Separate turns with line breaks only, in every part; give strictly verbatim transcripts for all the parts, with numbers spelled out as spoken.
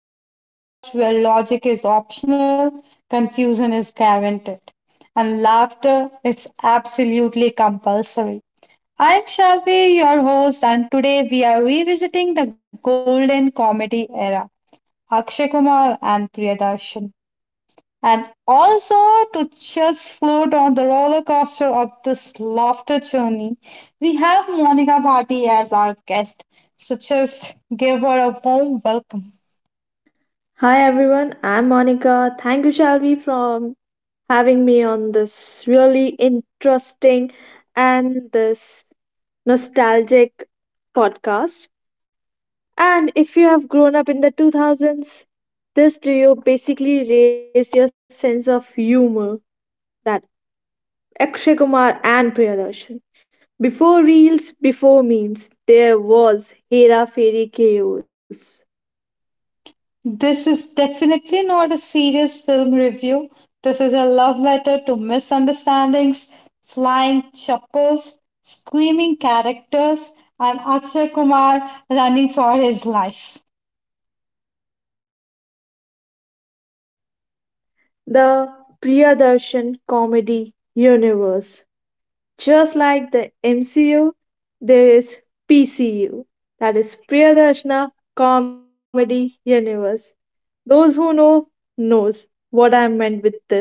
to the podcast where logic is optional, confusion is guaranteed, and laughter is absolutely compulsory. I am Shalvi, your host, and today we are revisiting the golden comedy era Akshay Kumar and Priyadarshan and also to just float on the roller coaster of this laughter journey, we have Monica Bhatti as our guest. So just give her a warm welcome.
Hi everyone, I'm Monica. Thank you, Shelby, for having me on this really interesting and this nostalgic podcast. And if you have grown up in the two thousands, this duo basically raised your sense of humor, that Akshay Kumar and Priyadarshan. Before reels, before memes, there was Hera Fairy Chaos,
This is definitely not a serious film review. This is a love letter to misunderstandings, flying chappals, screaming characters, and Akshay Kumar running for his life.
the Priyadarshan comedy universe. Just like the M C U, there is P C U, that is Priyadarshana Comedy Universe. Those who know knows what I meant with this.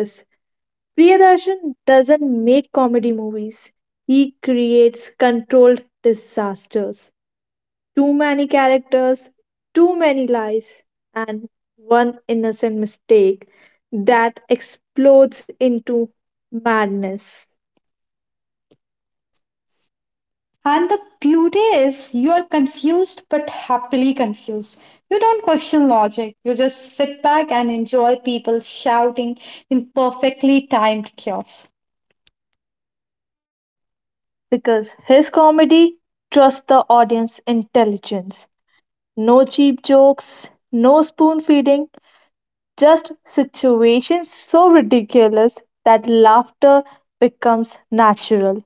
Priyadarshan doesn't make comedy movies. He creates controlled disasters. Too many characters, too many lies, and one innocent mistake that explodes into madness.
And the beauty is, you are confused but happily confused. You don't question logic, you just sit back and enjoy people shouting in perfectly timed chaos.
Because his comedy trusts the audience intelligence. No cheap jokes, no spoon feeding, just situations so ridiculous that laughter becomes
Natural.
natural.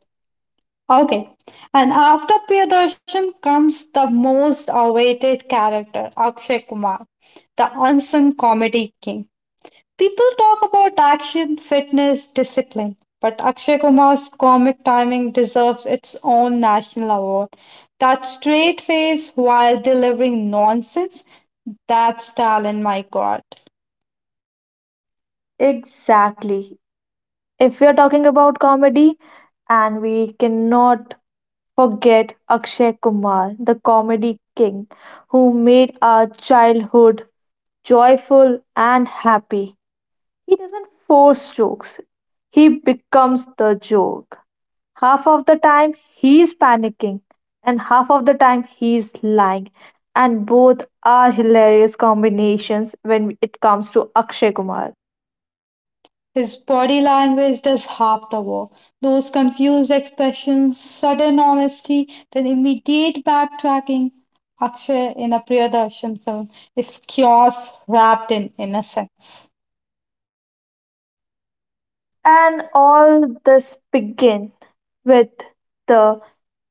Okay, and after Priyadarshan comes the most awaited character, Akshay Kumar, the unsung comedy king. People talk about action, fitness, discipline, but Akshay Kumar's comic timing deserves its own national award. That straight face while delivering nonsense, that's talent, my god.
Exactly. If we are talking about comedy, and we cannot forget Akshay Kumar, the comedy king, who made our childhood joyful and happy. He doesn't force jokes, he becomes the joke. Half of the time he's panicking, and half of the time he's lying, and both are hilarious combinations when it comes to Akshay Kumar.
His body language does half the work. Those confused expressions, sudden honesty, then immediate backtracking. Akshay in a Priyadarshan film is chaos wrapped in innocence.
And all this begin with the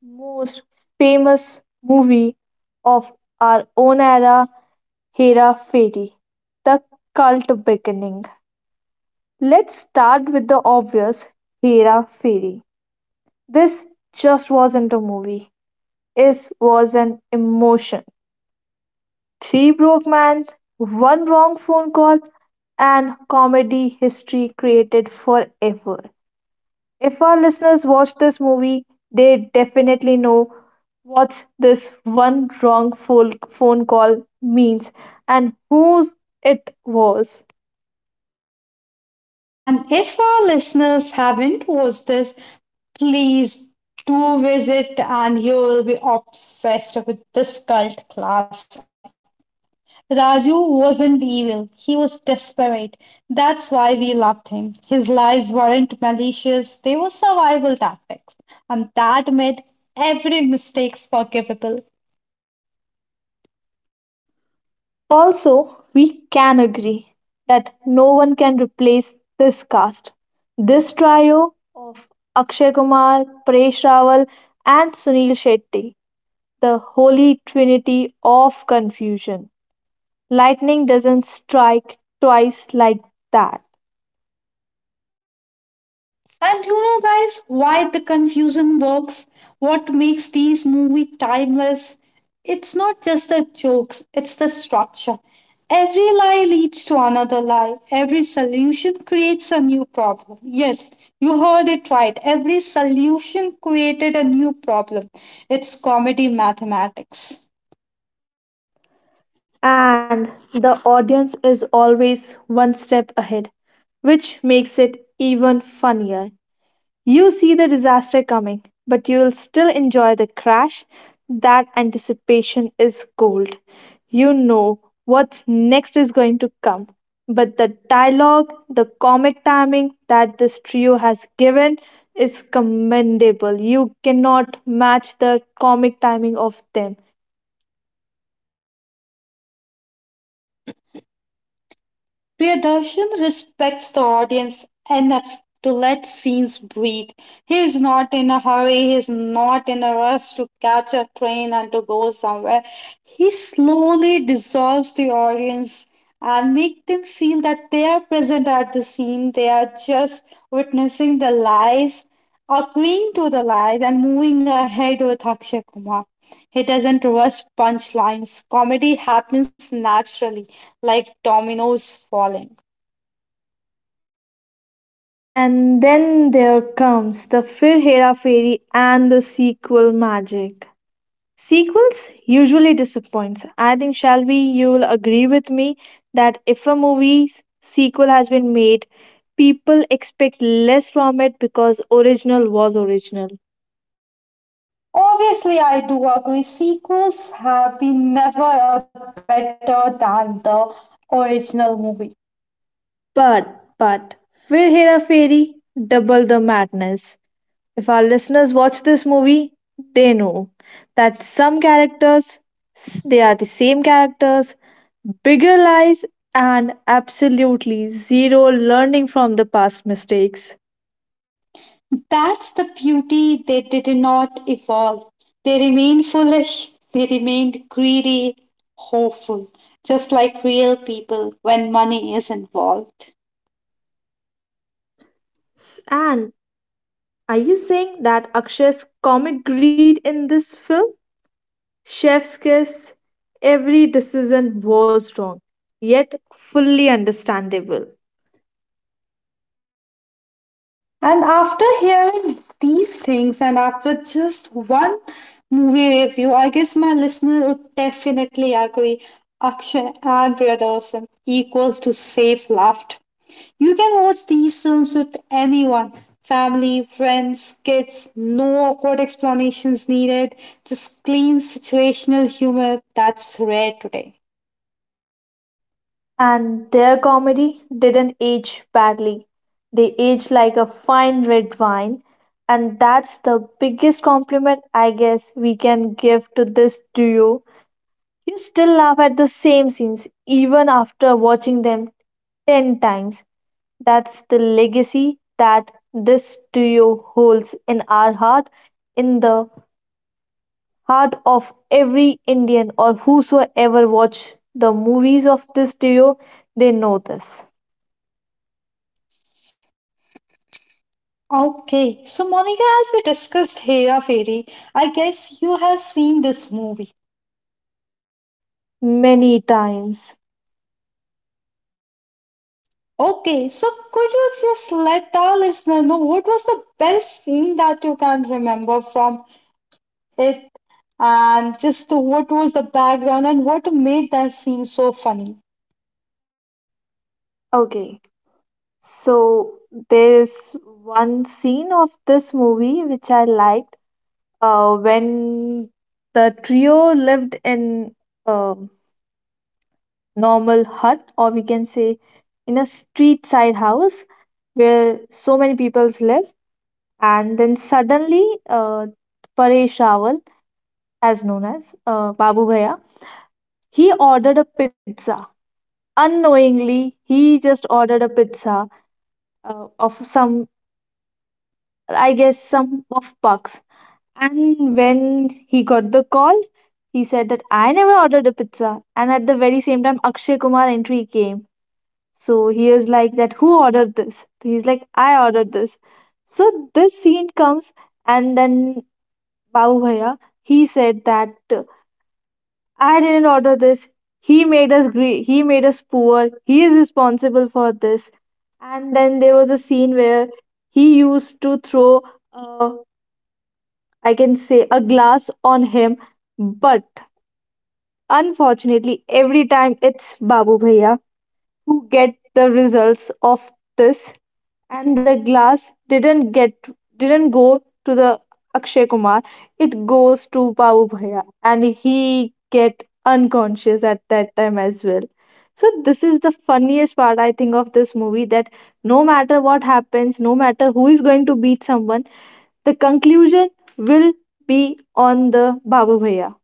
most famous movie of our own era, Hera Fairy, the cult beginning. Let's start with the obvious, Hera Fairy. This just wasn't a movie. It was an emotion. Three broke men, one wrong phone call, and comedy history created forever. If our listeners watch this movie, they definitely know what this one wrong phone phone call means and whose it was.
And if our listeners haven't watched this, please do visit and you will be obsessed with this cult classic. Raju wasn't evil, he was desperate. That's why we loved him. His lies weren't malicious, they were survival tactics. And that made every mistake forgivable.
Also, we can agree that no one can replace this cast. This trio of Akshay Kumar, Paresh Rawal, and Sunil Shetty, the holy trinity of confusion. Lightning doesn't strike twice like that.
And you know, guys, why the confusion works? What makes these movie timeless? It's not just the jokes, it's the structure. Every lie leads to another lie. Every solution creates a new problem. Yes, you heard it right. Every solution created a new problem. It's comedy mathematics.
And the audience is always one step ahead, which makes it even funnier. You see the disaster coming, but you'll still enjoy the crash. That anticipation is gold. You know what's next is going to come. But the dialogue, the comic timing that this trio has given is commendable. You cannot match the comic timing of them.
Priyadarshan respects the audience enough to let scenes breathe. He is not in a hurry, he is not in a rush to catch a train and to go somewhere. He slowly dissolves the audience and make them feel that they are present at the scene, they are just witnessing the lies. Agreeing to the lies and moving ahead with Akshay Kumar. He doesn't rush punchlines. Comedy happens naturally, like dominoes falling.
And then there comes the Fir Hera Fairy and the sequel magic. Sequels usually disappoints. I think Shelby, you'll agree with me that if a movie's sequel has been made, people expect less from it because original was original.
Obviously, I do agree. Sequels have been never a better than the original movie.
But but Fir Hera Fairy double the madness. If our listeners watch this movie, they know that some characters s- they are the same characters, bigger lies and absolutely zero learning from the past mistakes.
That's the beauty. They did not evolve. They remained foolish. They remained greedy, hopeful, just like real people when money is involved.
S- And are you saying that Akshay's comic greed in this film? Chef's kiss, every decision was wrong, yet fully understandable.
And after hearing these things, and after just one movie review, I guess my listener would definitely agree Akshay and Priyadarshan equals to safe laughter. You can watch these films with anyone family, friends, kids, no awkward explanations needed, just clean situational humor that's rare today.
And their comedy didn't age badly. They aged like a fine red wine. And that's the biggest compliment I guess we can give to this duo. You still laugh at the same scenes even after watching them ten times. That's the legacy that this duo holds in our heart, in the heart of every Indian or whosoever watch the movies of this duo. They know this
Okay, so Monica, as we discussed Hera Fairy, I guess you have seen this movie.
many times.
Okay, so could you just let our listener know what was the best scene that you can remember from it and just what was the background and what made that scene so funny?
Okay, so there is one scene of this movie which I like. Uh, when the trio lived in a normal hut, or we can say in a street side house where so many peoples live, and then suddenly uh, Paresh Rawal, as known as uh, Babu Bhaiya, he ordered a pizza. Unknowingly, he just ordered a pizza uh, of some, I guess, some of bugs. And when he got the call, he said that I never ordered a pizza. And at the very same time, Akshay Kumar entry came. So he was like that, who ordered this? So, he's like, I ordered this. So this scene comes, and then Babu Bhaiya, he said that uh, I didn't order this. He made us gre- he made us poor. He is responsible for this. And then there was a scene where he used to throw a, I can say a glass on him, but unfortunately, every time it's Babu Bhaiya who get the results of this, and the glass didn't get didn't go to the Akshay Kumar. It goes to Babu Bhaiya, and he get unconscious at that time as well. So this is the funniest part I think of this movie that no matter what happens, no matter who is going to beat someone, the conclusion will be on the Babu Bhaiya.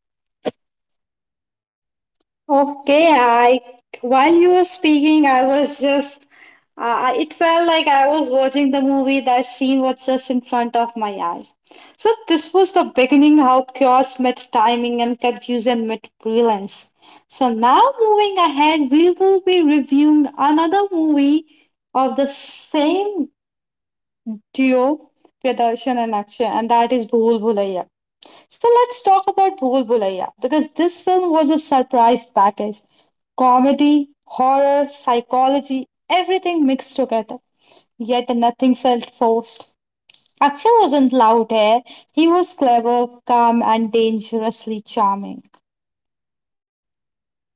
Okay, I while you were speaking, I was just uh, it felt like I was watching the movie that scene was just in front of my eyes. So this was the beginning how chaos met timing and confusion met brilliance. So now moving ahead, we will be reviewing another movie of the same duo, Pradarshan and Akshay, and that is Bhul Bhulaiya. So let's talk about Bhul Bhulaiya because this film was a surprise package. Comedy, horror, psychology, everything mixed together. Yet nothing felt forced. Akshay wasn't loud here. He was clever, calm, and dangerously charming.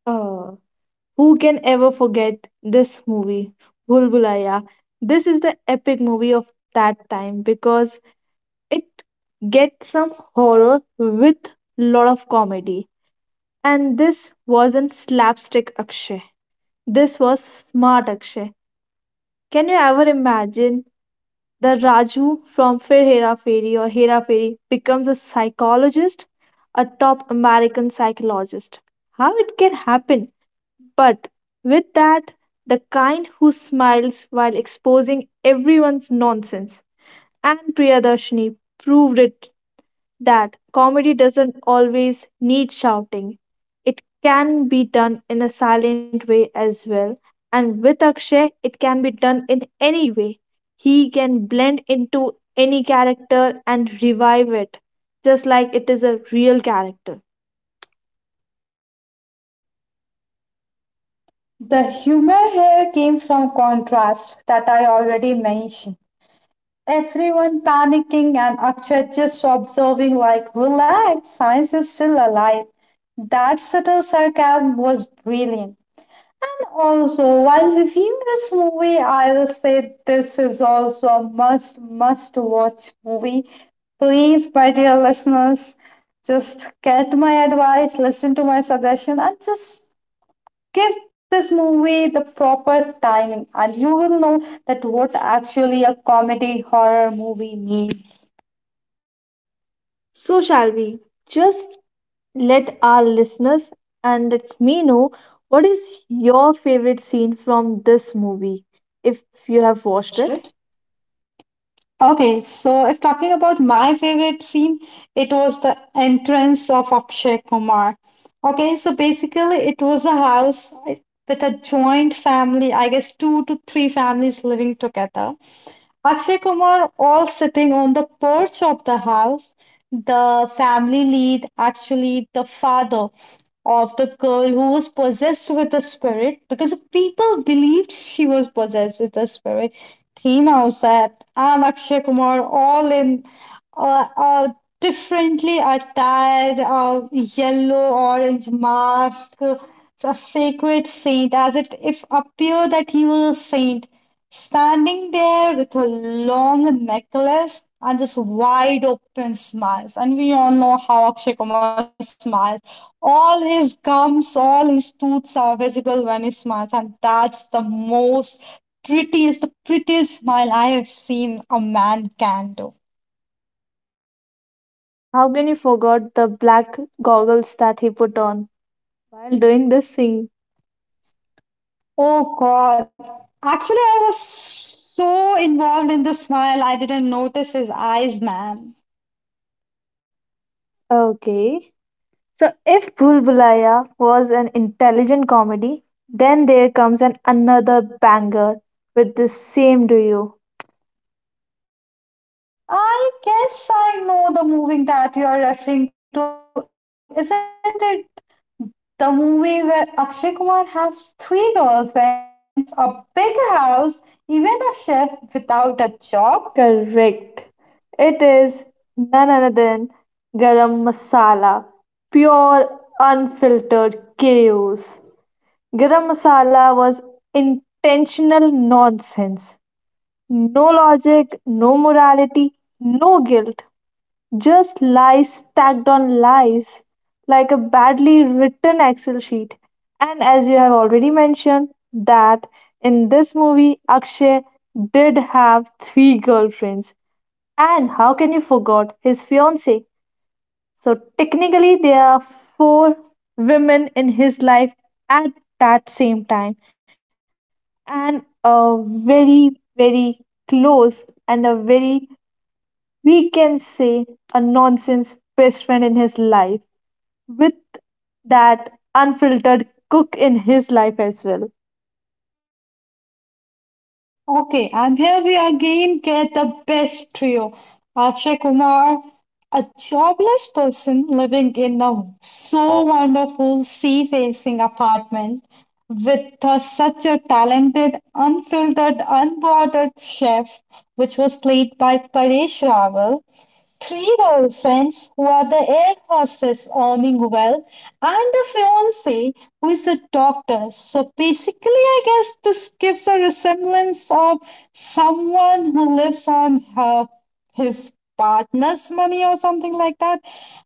Uh, who can ever forget this movie, Bulbulaya? This is the epic movie of that time because it gets some horror with lot of comedy. And this wasn't slapstick Akshay. This was smart Akshay. Can you ever imagine the Raju from Fir Hera Fairy or Hera Fairy becomes a psychologist, a top American psychologist. How it can happen? But with that, the kind who smiles while exposing everyone's nonsense. And Priyadarshini proved it that comedy doesn't always need shouting. It can be done in a silent way as well. And with Akshay, it can be done in any way. He can blend into any character and revive it, just like it is a real character.
The humor here came from contrast that I already mentioned. Everyone panicking and Akshay just observing like, relax, science is still alive. That subtle sarcasm was brilliant. And also, while reviewing this movie, I will say this is also a must, must watch movie. Please, my dear listeners, just get my advice, listen to my suggestion, and just give this movie the proper timing, and you will know that what actually a comedy horror movie means.
So, shall we just let our listeners and let me know what is your favorite scene from this movie if you have watched it?
Okay, so if talking about my favorite scene, it was the entrance of Akshay Kumar. Okay, so basically, it was a house with a joint family, I guess two to three families living together. Akshay Kumar all sitting on the porch of the house. The family lead, actually, the father of the girl who was possessed with the spirit because the people believed she was possessed with the spirit. Came outside and Akshay Kumar all in uh, uh, differently attired uh, yellow, orange mask, a sacred saint, as it if appeared that he was a saint standing there with a long necklace and this wide open smiles. And we all know how Akshay Kumar smiles. All his gums, all his teeth are visible when he smiles, and that's the most prettiest, the prettiest smile I have seen a man can do.
How can you forget the black goggles that he put on while doing this scene?
Oh God! Actually, I was so involved in the smile, I didn't notice his eyes, man.
Okay. So if Bhul Bhulaiya was an intelligent comedy, then there comes an another banger with the same do you.
I guess I know the movie that you are referring to. Isn't it the movie where Akshay Kumar has three girlfriends, a big house, even a chef without a job.
Correct. It is none other than Garam Masala. Pure unfiltered chaos. Garam Masala was intentional nonsense. No logic, no morality, no guilt, just lies stacked on lies like a badly written Excel sheet. And as you have already mentioned, that in this movie, Akshay did have three girlfriends. And how can you forget his fiancee? So technically, there are four women in his life at that same time, and a very, very close and a very, we can say, a nonsense best friend in his life with that unfiltered cook in his life as well.
Okay, and here we again get the best trio Akshay Kumar, a jobless person living in a so wonderful sea facing apartment with uh, such a talented, unfiltered, unbothered chef, which was played by Paresh Rawal, Three girlfriends who are the air hostess earning well, and the fiance who is a doctor. So basically, I guess this gives a resemblance of someone who lives on her, his partner's money or something like that.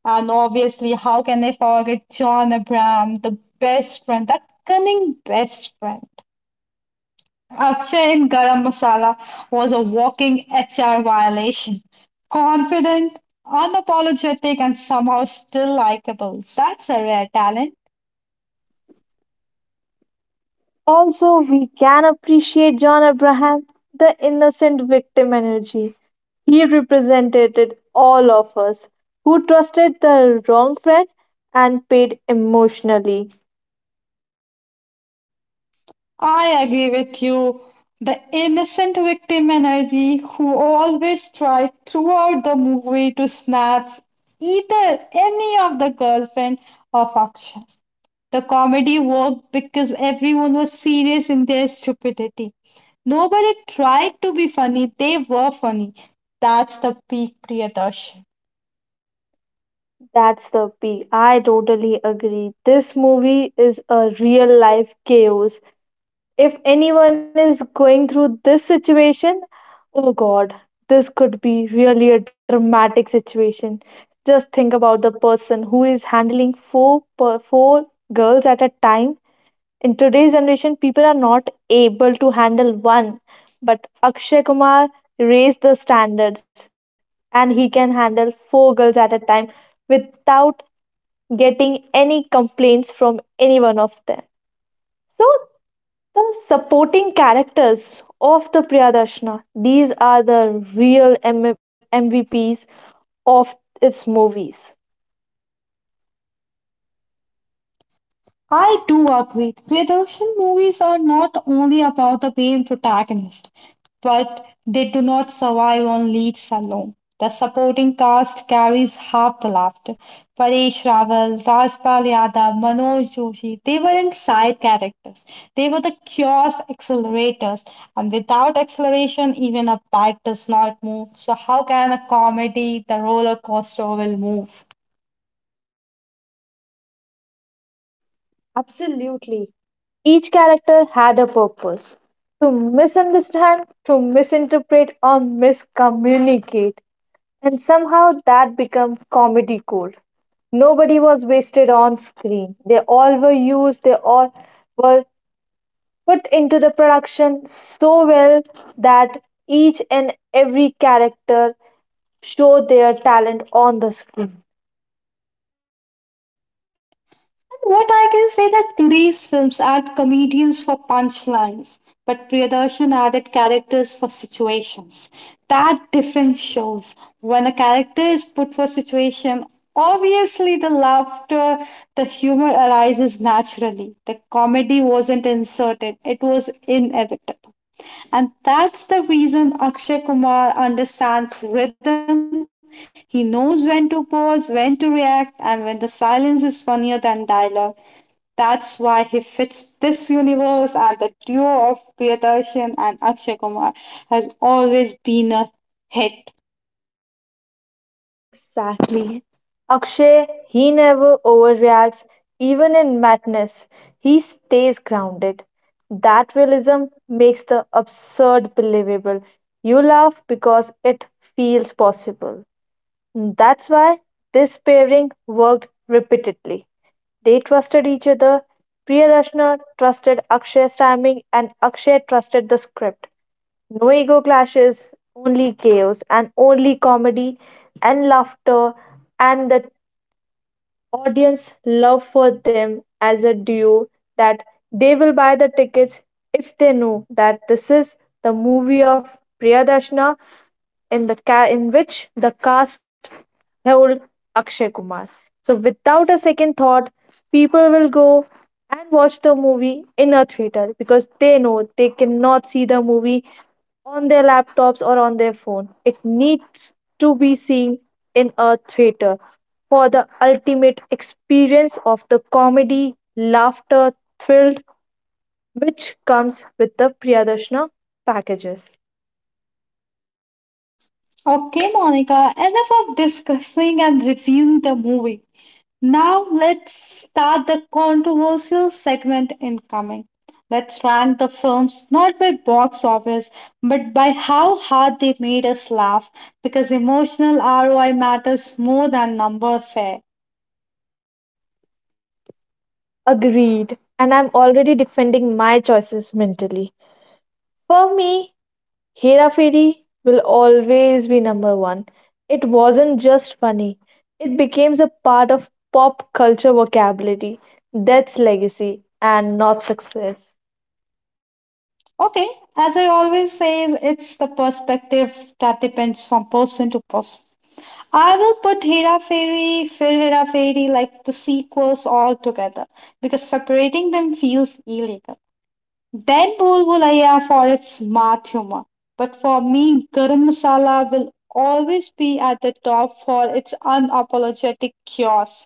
And obviously, how can I forget John Abraham, the best friend, that cunning best friend? Akshay in Garam Masala was a walking H R violation. Confident, unapologetic, and somehow still likable. That's a rare talent.
Also, we can appreciate John Abraham, the innocent victim energy. He represented all of us who trusted the wrong friend and paid emotionally.
I agree with you. The innocent victim energy who always tried throughout the movie to snatch either any of the girlfriend of Akshay. The comedy worked because everyone was serious in their stupidity. Nobody tried to be funny, they were funny. That's the peak Priyadarshan.
That's the peak. I totally agree. This movie is a real life chaos. If anyone is going through this situation, oh god, this could be really a dramatic situation. Just think about the person who is handling four per, four girls at a time. In today's generation, people are not able to handle one, but Akshay Kumar raised the standards and he can handle four girls at a time without getting any complaints from any one of them. So the supporting characters of the Priyadarshana, these are the real M- MVPs of its movies.
I do agree. Production movies are not only about the main protagonist, but they do not survive on leads alone. The supporting cast carries half the laughter. Paresh Rawal, Rajpal Yadav, Manoj Joshi, they weren't side characters. They were the chaos accelerators. And without acceleration, even a bike does not move. So how can a comedy, the roller coaster will move?
Absolutely. Each character had a purpose to misunderstand, to misinterpret, or miscommunicate. And somehow that became comedy gold. Nobody was wasted on screen. They all were used, they all were put into the production so well that each and every character show their talent on the screen.
What I can say that today's films add comedians for punchlines, but Priyadarshan added characters for situations. That difference shows. When a character is put for situation, obviously the laughter, the humor arises naturally. The comedy wasn't inserted; it was inevitable. And that's the reason Akshay Kumar understands rhythm. He knows when to pause, when to react, and when the silence is funnier than dialogue. That's why he fits this universe, and the duo of Priyadarshan and Akshay Kumar has always been a hit.
Exactly. Akshay, he never overreacts, even in madness. He stays grounded. That realism makes the absurd believable. You laugh because it feels possible. That's why this pairing worked repeatedly. They trusted each other. Priyadarshana trusted Akshay's timing and Akshay trusted the script. No ego clashes, only chaos and only comedy and laughter and the audience love for them as a duo, that they will buy the tickets if they know that this is the movie of Priyadarshana in the ca- in which the cast held Akshay Kumar. So without a second thought, people will go and watch the movie in a theater because they know they cannot see the movie on their laptops or on their phone. It needs to be seen in a theater for the ultimate experience of the comedy, laughter, thrill which comes with the Priyadarshana packages.
Okay, Monica, enough of discussing and reviewing the movie. Now let's start the controversial segment incoming. Let's rank the films not by box office but by how hard they made us laugh because emotional R O I matters more than numbers say.
Agreed. And I'm already defending my choices mentally. For me, Hera Fairy will always be number one. It wasn't just funny, it became a part of pop culture vocabulary. That's legacy and not success.
Okay, as I always say, it's the perspective that depends from person to person. I will put Hera Fairy, Fir Hera Fairy, like the sequels all together because separating them feels illegal. Then Bhulbhulaiya for its smart humor. But for me, Garam Masala will always be at the top for its unapologetic chaos.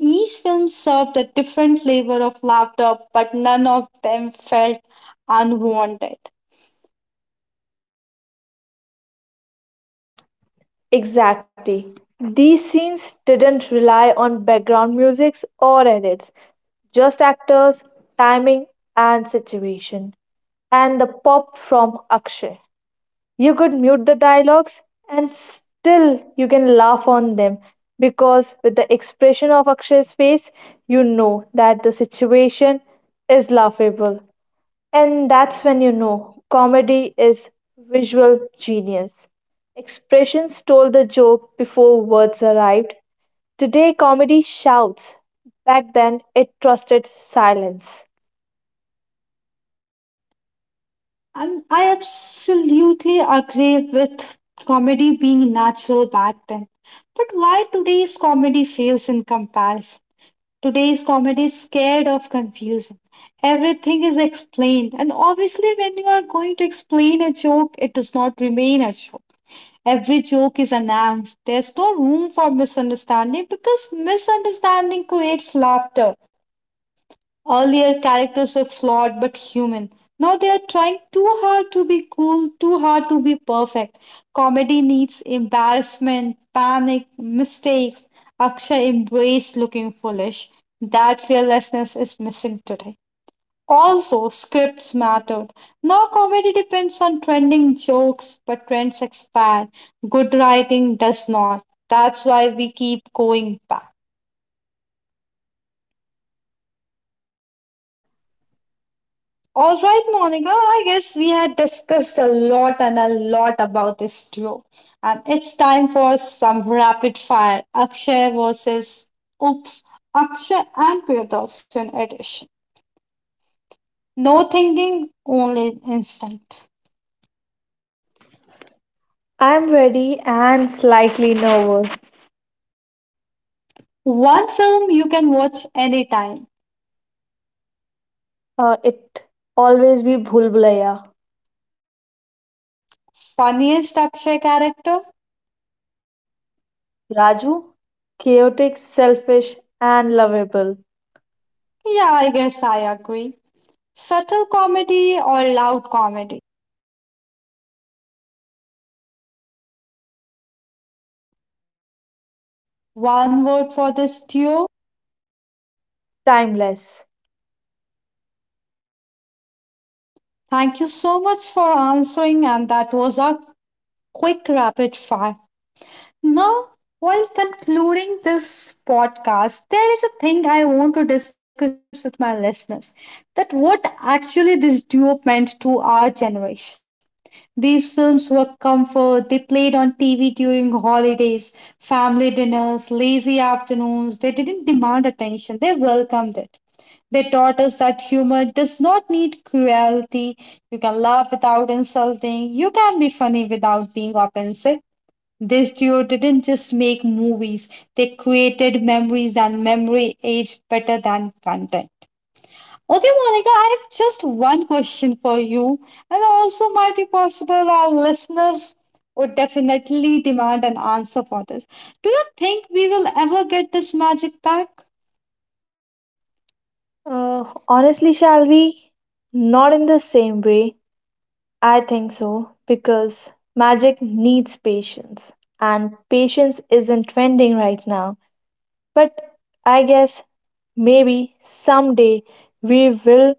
Each film served a different flavor of laughter, but none of them felt unwanted.
Exactly. These scenes didn't rely on background musics or edits, just actors, timing, and situation. And the pop from Akshay. You could mute the dialogues and still you can laugh on them because with the expression of Akshay's face, you know that the situation is laughable. And that's when you know comedy is visual genius. Expressions stole the joke before words arrived. Today, comedy shouts. Back then, it trusted silence.
And I absolutely agree with comedy being natural back then. But why today's comedy fails in comparison? Today's comedy is scared of confusion. Everything is explained, and obviously, when you are going to explain a joke, it does not remain a joke. Every joke is announced. There's no room for misunderstanding because misunderstanding creates laughter. Earlier, characters were flawed but human. Now they are trying too hard to be cool, too hard to be perfect. Comedy needs embarrassment, panic, mistakes. Akshay embraced looking foolish. That fearlessness is missing today. Also, scripts mattered. Now comedy depends on trending jokes, but trends expand. Good writing does not. That's why we keep going back. All right, Monica, I guess we had discussed a lot and a lot about this duo. And it's time for some rapid fire Akshay versus Oops, Akshay and Priyadarshan edition. No thinking, only instinct.
I'm ready and slightly nervous.
One film you can watch anytime.
Uh, it always be Bhul Bhulaiya.
Funniest Akshay character?
Raju, chaotic, selfish, and lovable.
Yeah, I guess I agree. Subtle comedy or loud comedy?
Subtle always. Louds fades quickly.
One word for this duo.
Timeless.
Thank you so much for answering, and that was a quick rapid fire. Now, while concluding this podcast, there is a thing I want to discuss with my listeners that what actually this duo meant to our generation. These films were comfort, they played on T V during holidays, family dinners, lazy afternoons. They didn't demand attention, they welcomed it. They taught us that humor does not need cruelty. You can laugh without insulting. You can be funny without being offensive. This duo didn't just make movies, they created memories and memory age better than content. Okay, Monica, I have just one question for you, and also might be possible our listeners would definitely demand an answer for this. Do you think we will ever get this magic back?
Uh, honestly, shall we? Not in the same way. I think so, because magic needs patience, and patience isn't trending right now. But I guess maybe someday we will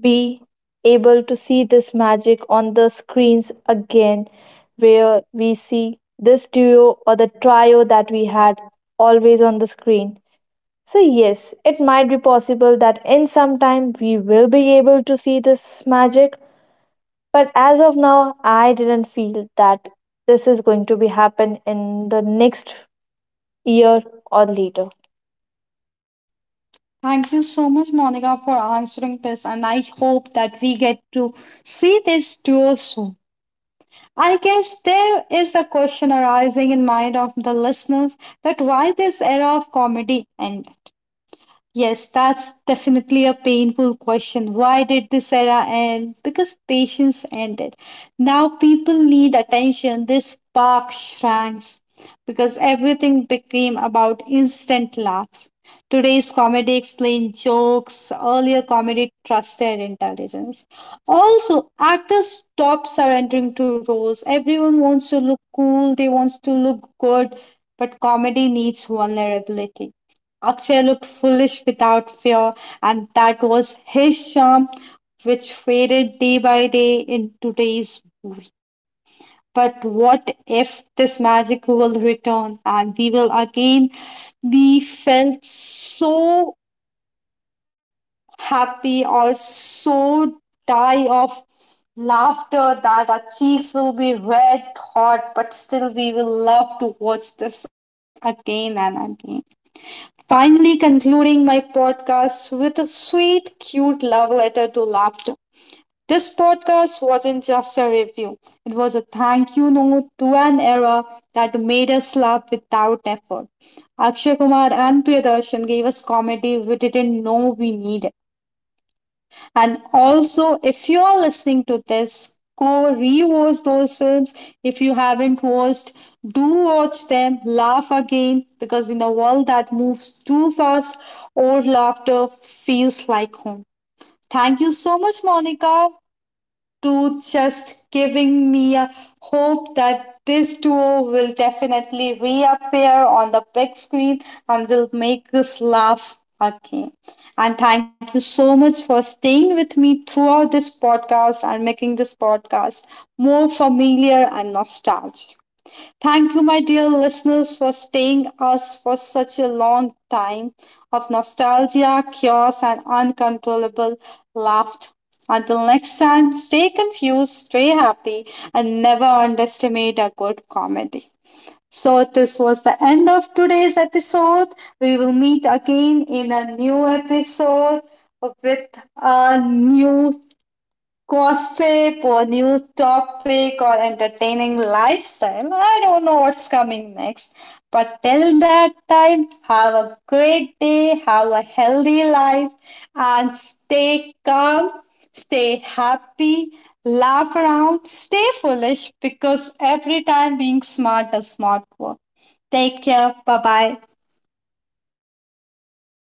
be able to see this magic on the screens again, where we see this duo or the trio that we had always on the screen. So, yes, it might be possible that in some time we will be able to see this magic, but as of now, I didn't feel that this is going to be happen in the next year or later.
Thank you so much, Monica, for answering this, and I hope that we get to see this duo soon. I guess there is a question arising in mind of the listeners that why this era of comedy end. Yes, that's definitely a painful question. Why did this era end? Because patience ended. Now people need attention. This spark shrank because everything became about instant laughs. Today's comedy explains jokes. Earlier comedy trusted intelligence. Also, actors stop surrendering to roles. Everyone wants to look cool. They want to look good. But comedy needs vulnerability. Akshay looked foolish without fear, and that was his charm, which faded day by day in today's movie. But what if this magic will return and we will again be felt so happy or so die of laughter that our cheeks will be red hot, but still we will love to watch this again and again finally concluding my podcast with a sweet, cute love letter to laughter. This podcast wasn't just a review, it was a thank you note to an era that made us laugh without effort. Akshay Kumar and Priyadarshan gave us comedy we didn't know we needed. And also, if you are listening to this, go rewatch those films. If you haven't watched, do watch them, laugh again, because in a world that moves too fast, old laughter feels like home. Thank you so much, Monica, to just giving me a hope that this duo will definitely reappear on the big screen and will make us laugh again. And thank you so much for staying with me throughout this podcast and making this podcast more familiar and nostalgic. Thank you, my dear listeners, for staying us for such a long time of nostalgia, chaos, and uncontrollable laughter. Until next time, stay confused, stay happy, and never underestimate a good comedy. So, this was the end of today's episode. We will meet again in a new episode with a new gossip or new topic or entertaining lifestyle. I don't know what's coming next. But till that time, have a great day, have a healthy life, and stay calm, stay happy, laugh around, stay foolish because every time being smart is not work. Take care. Bye bye.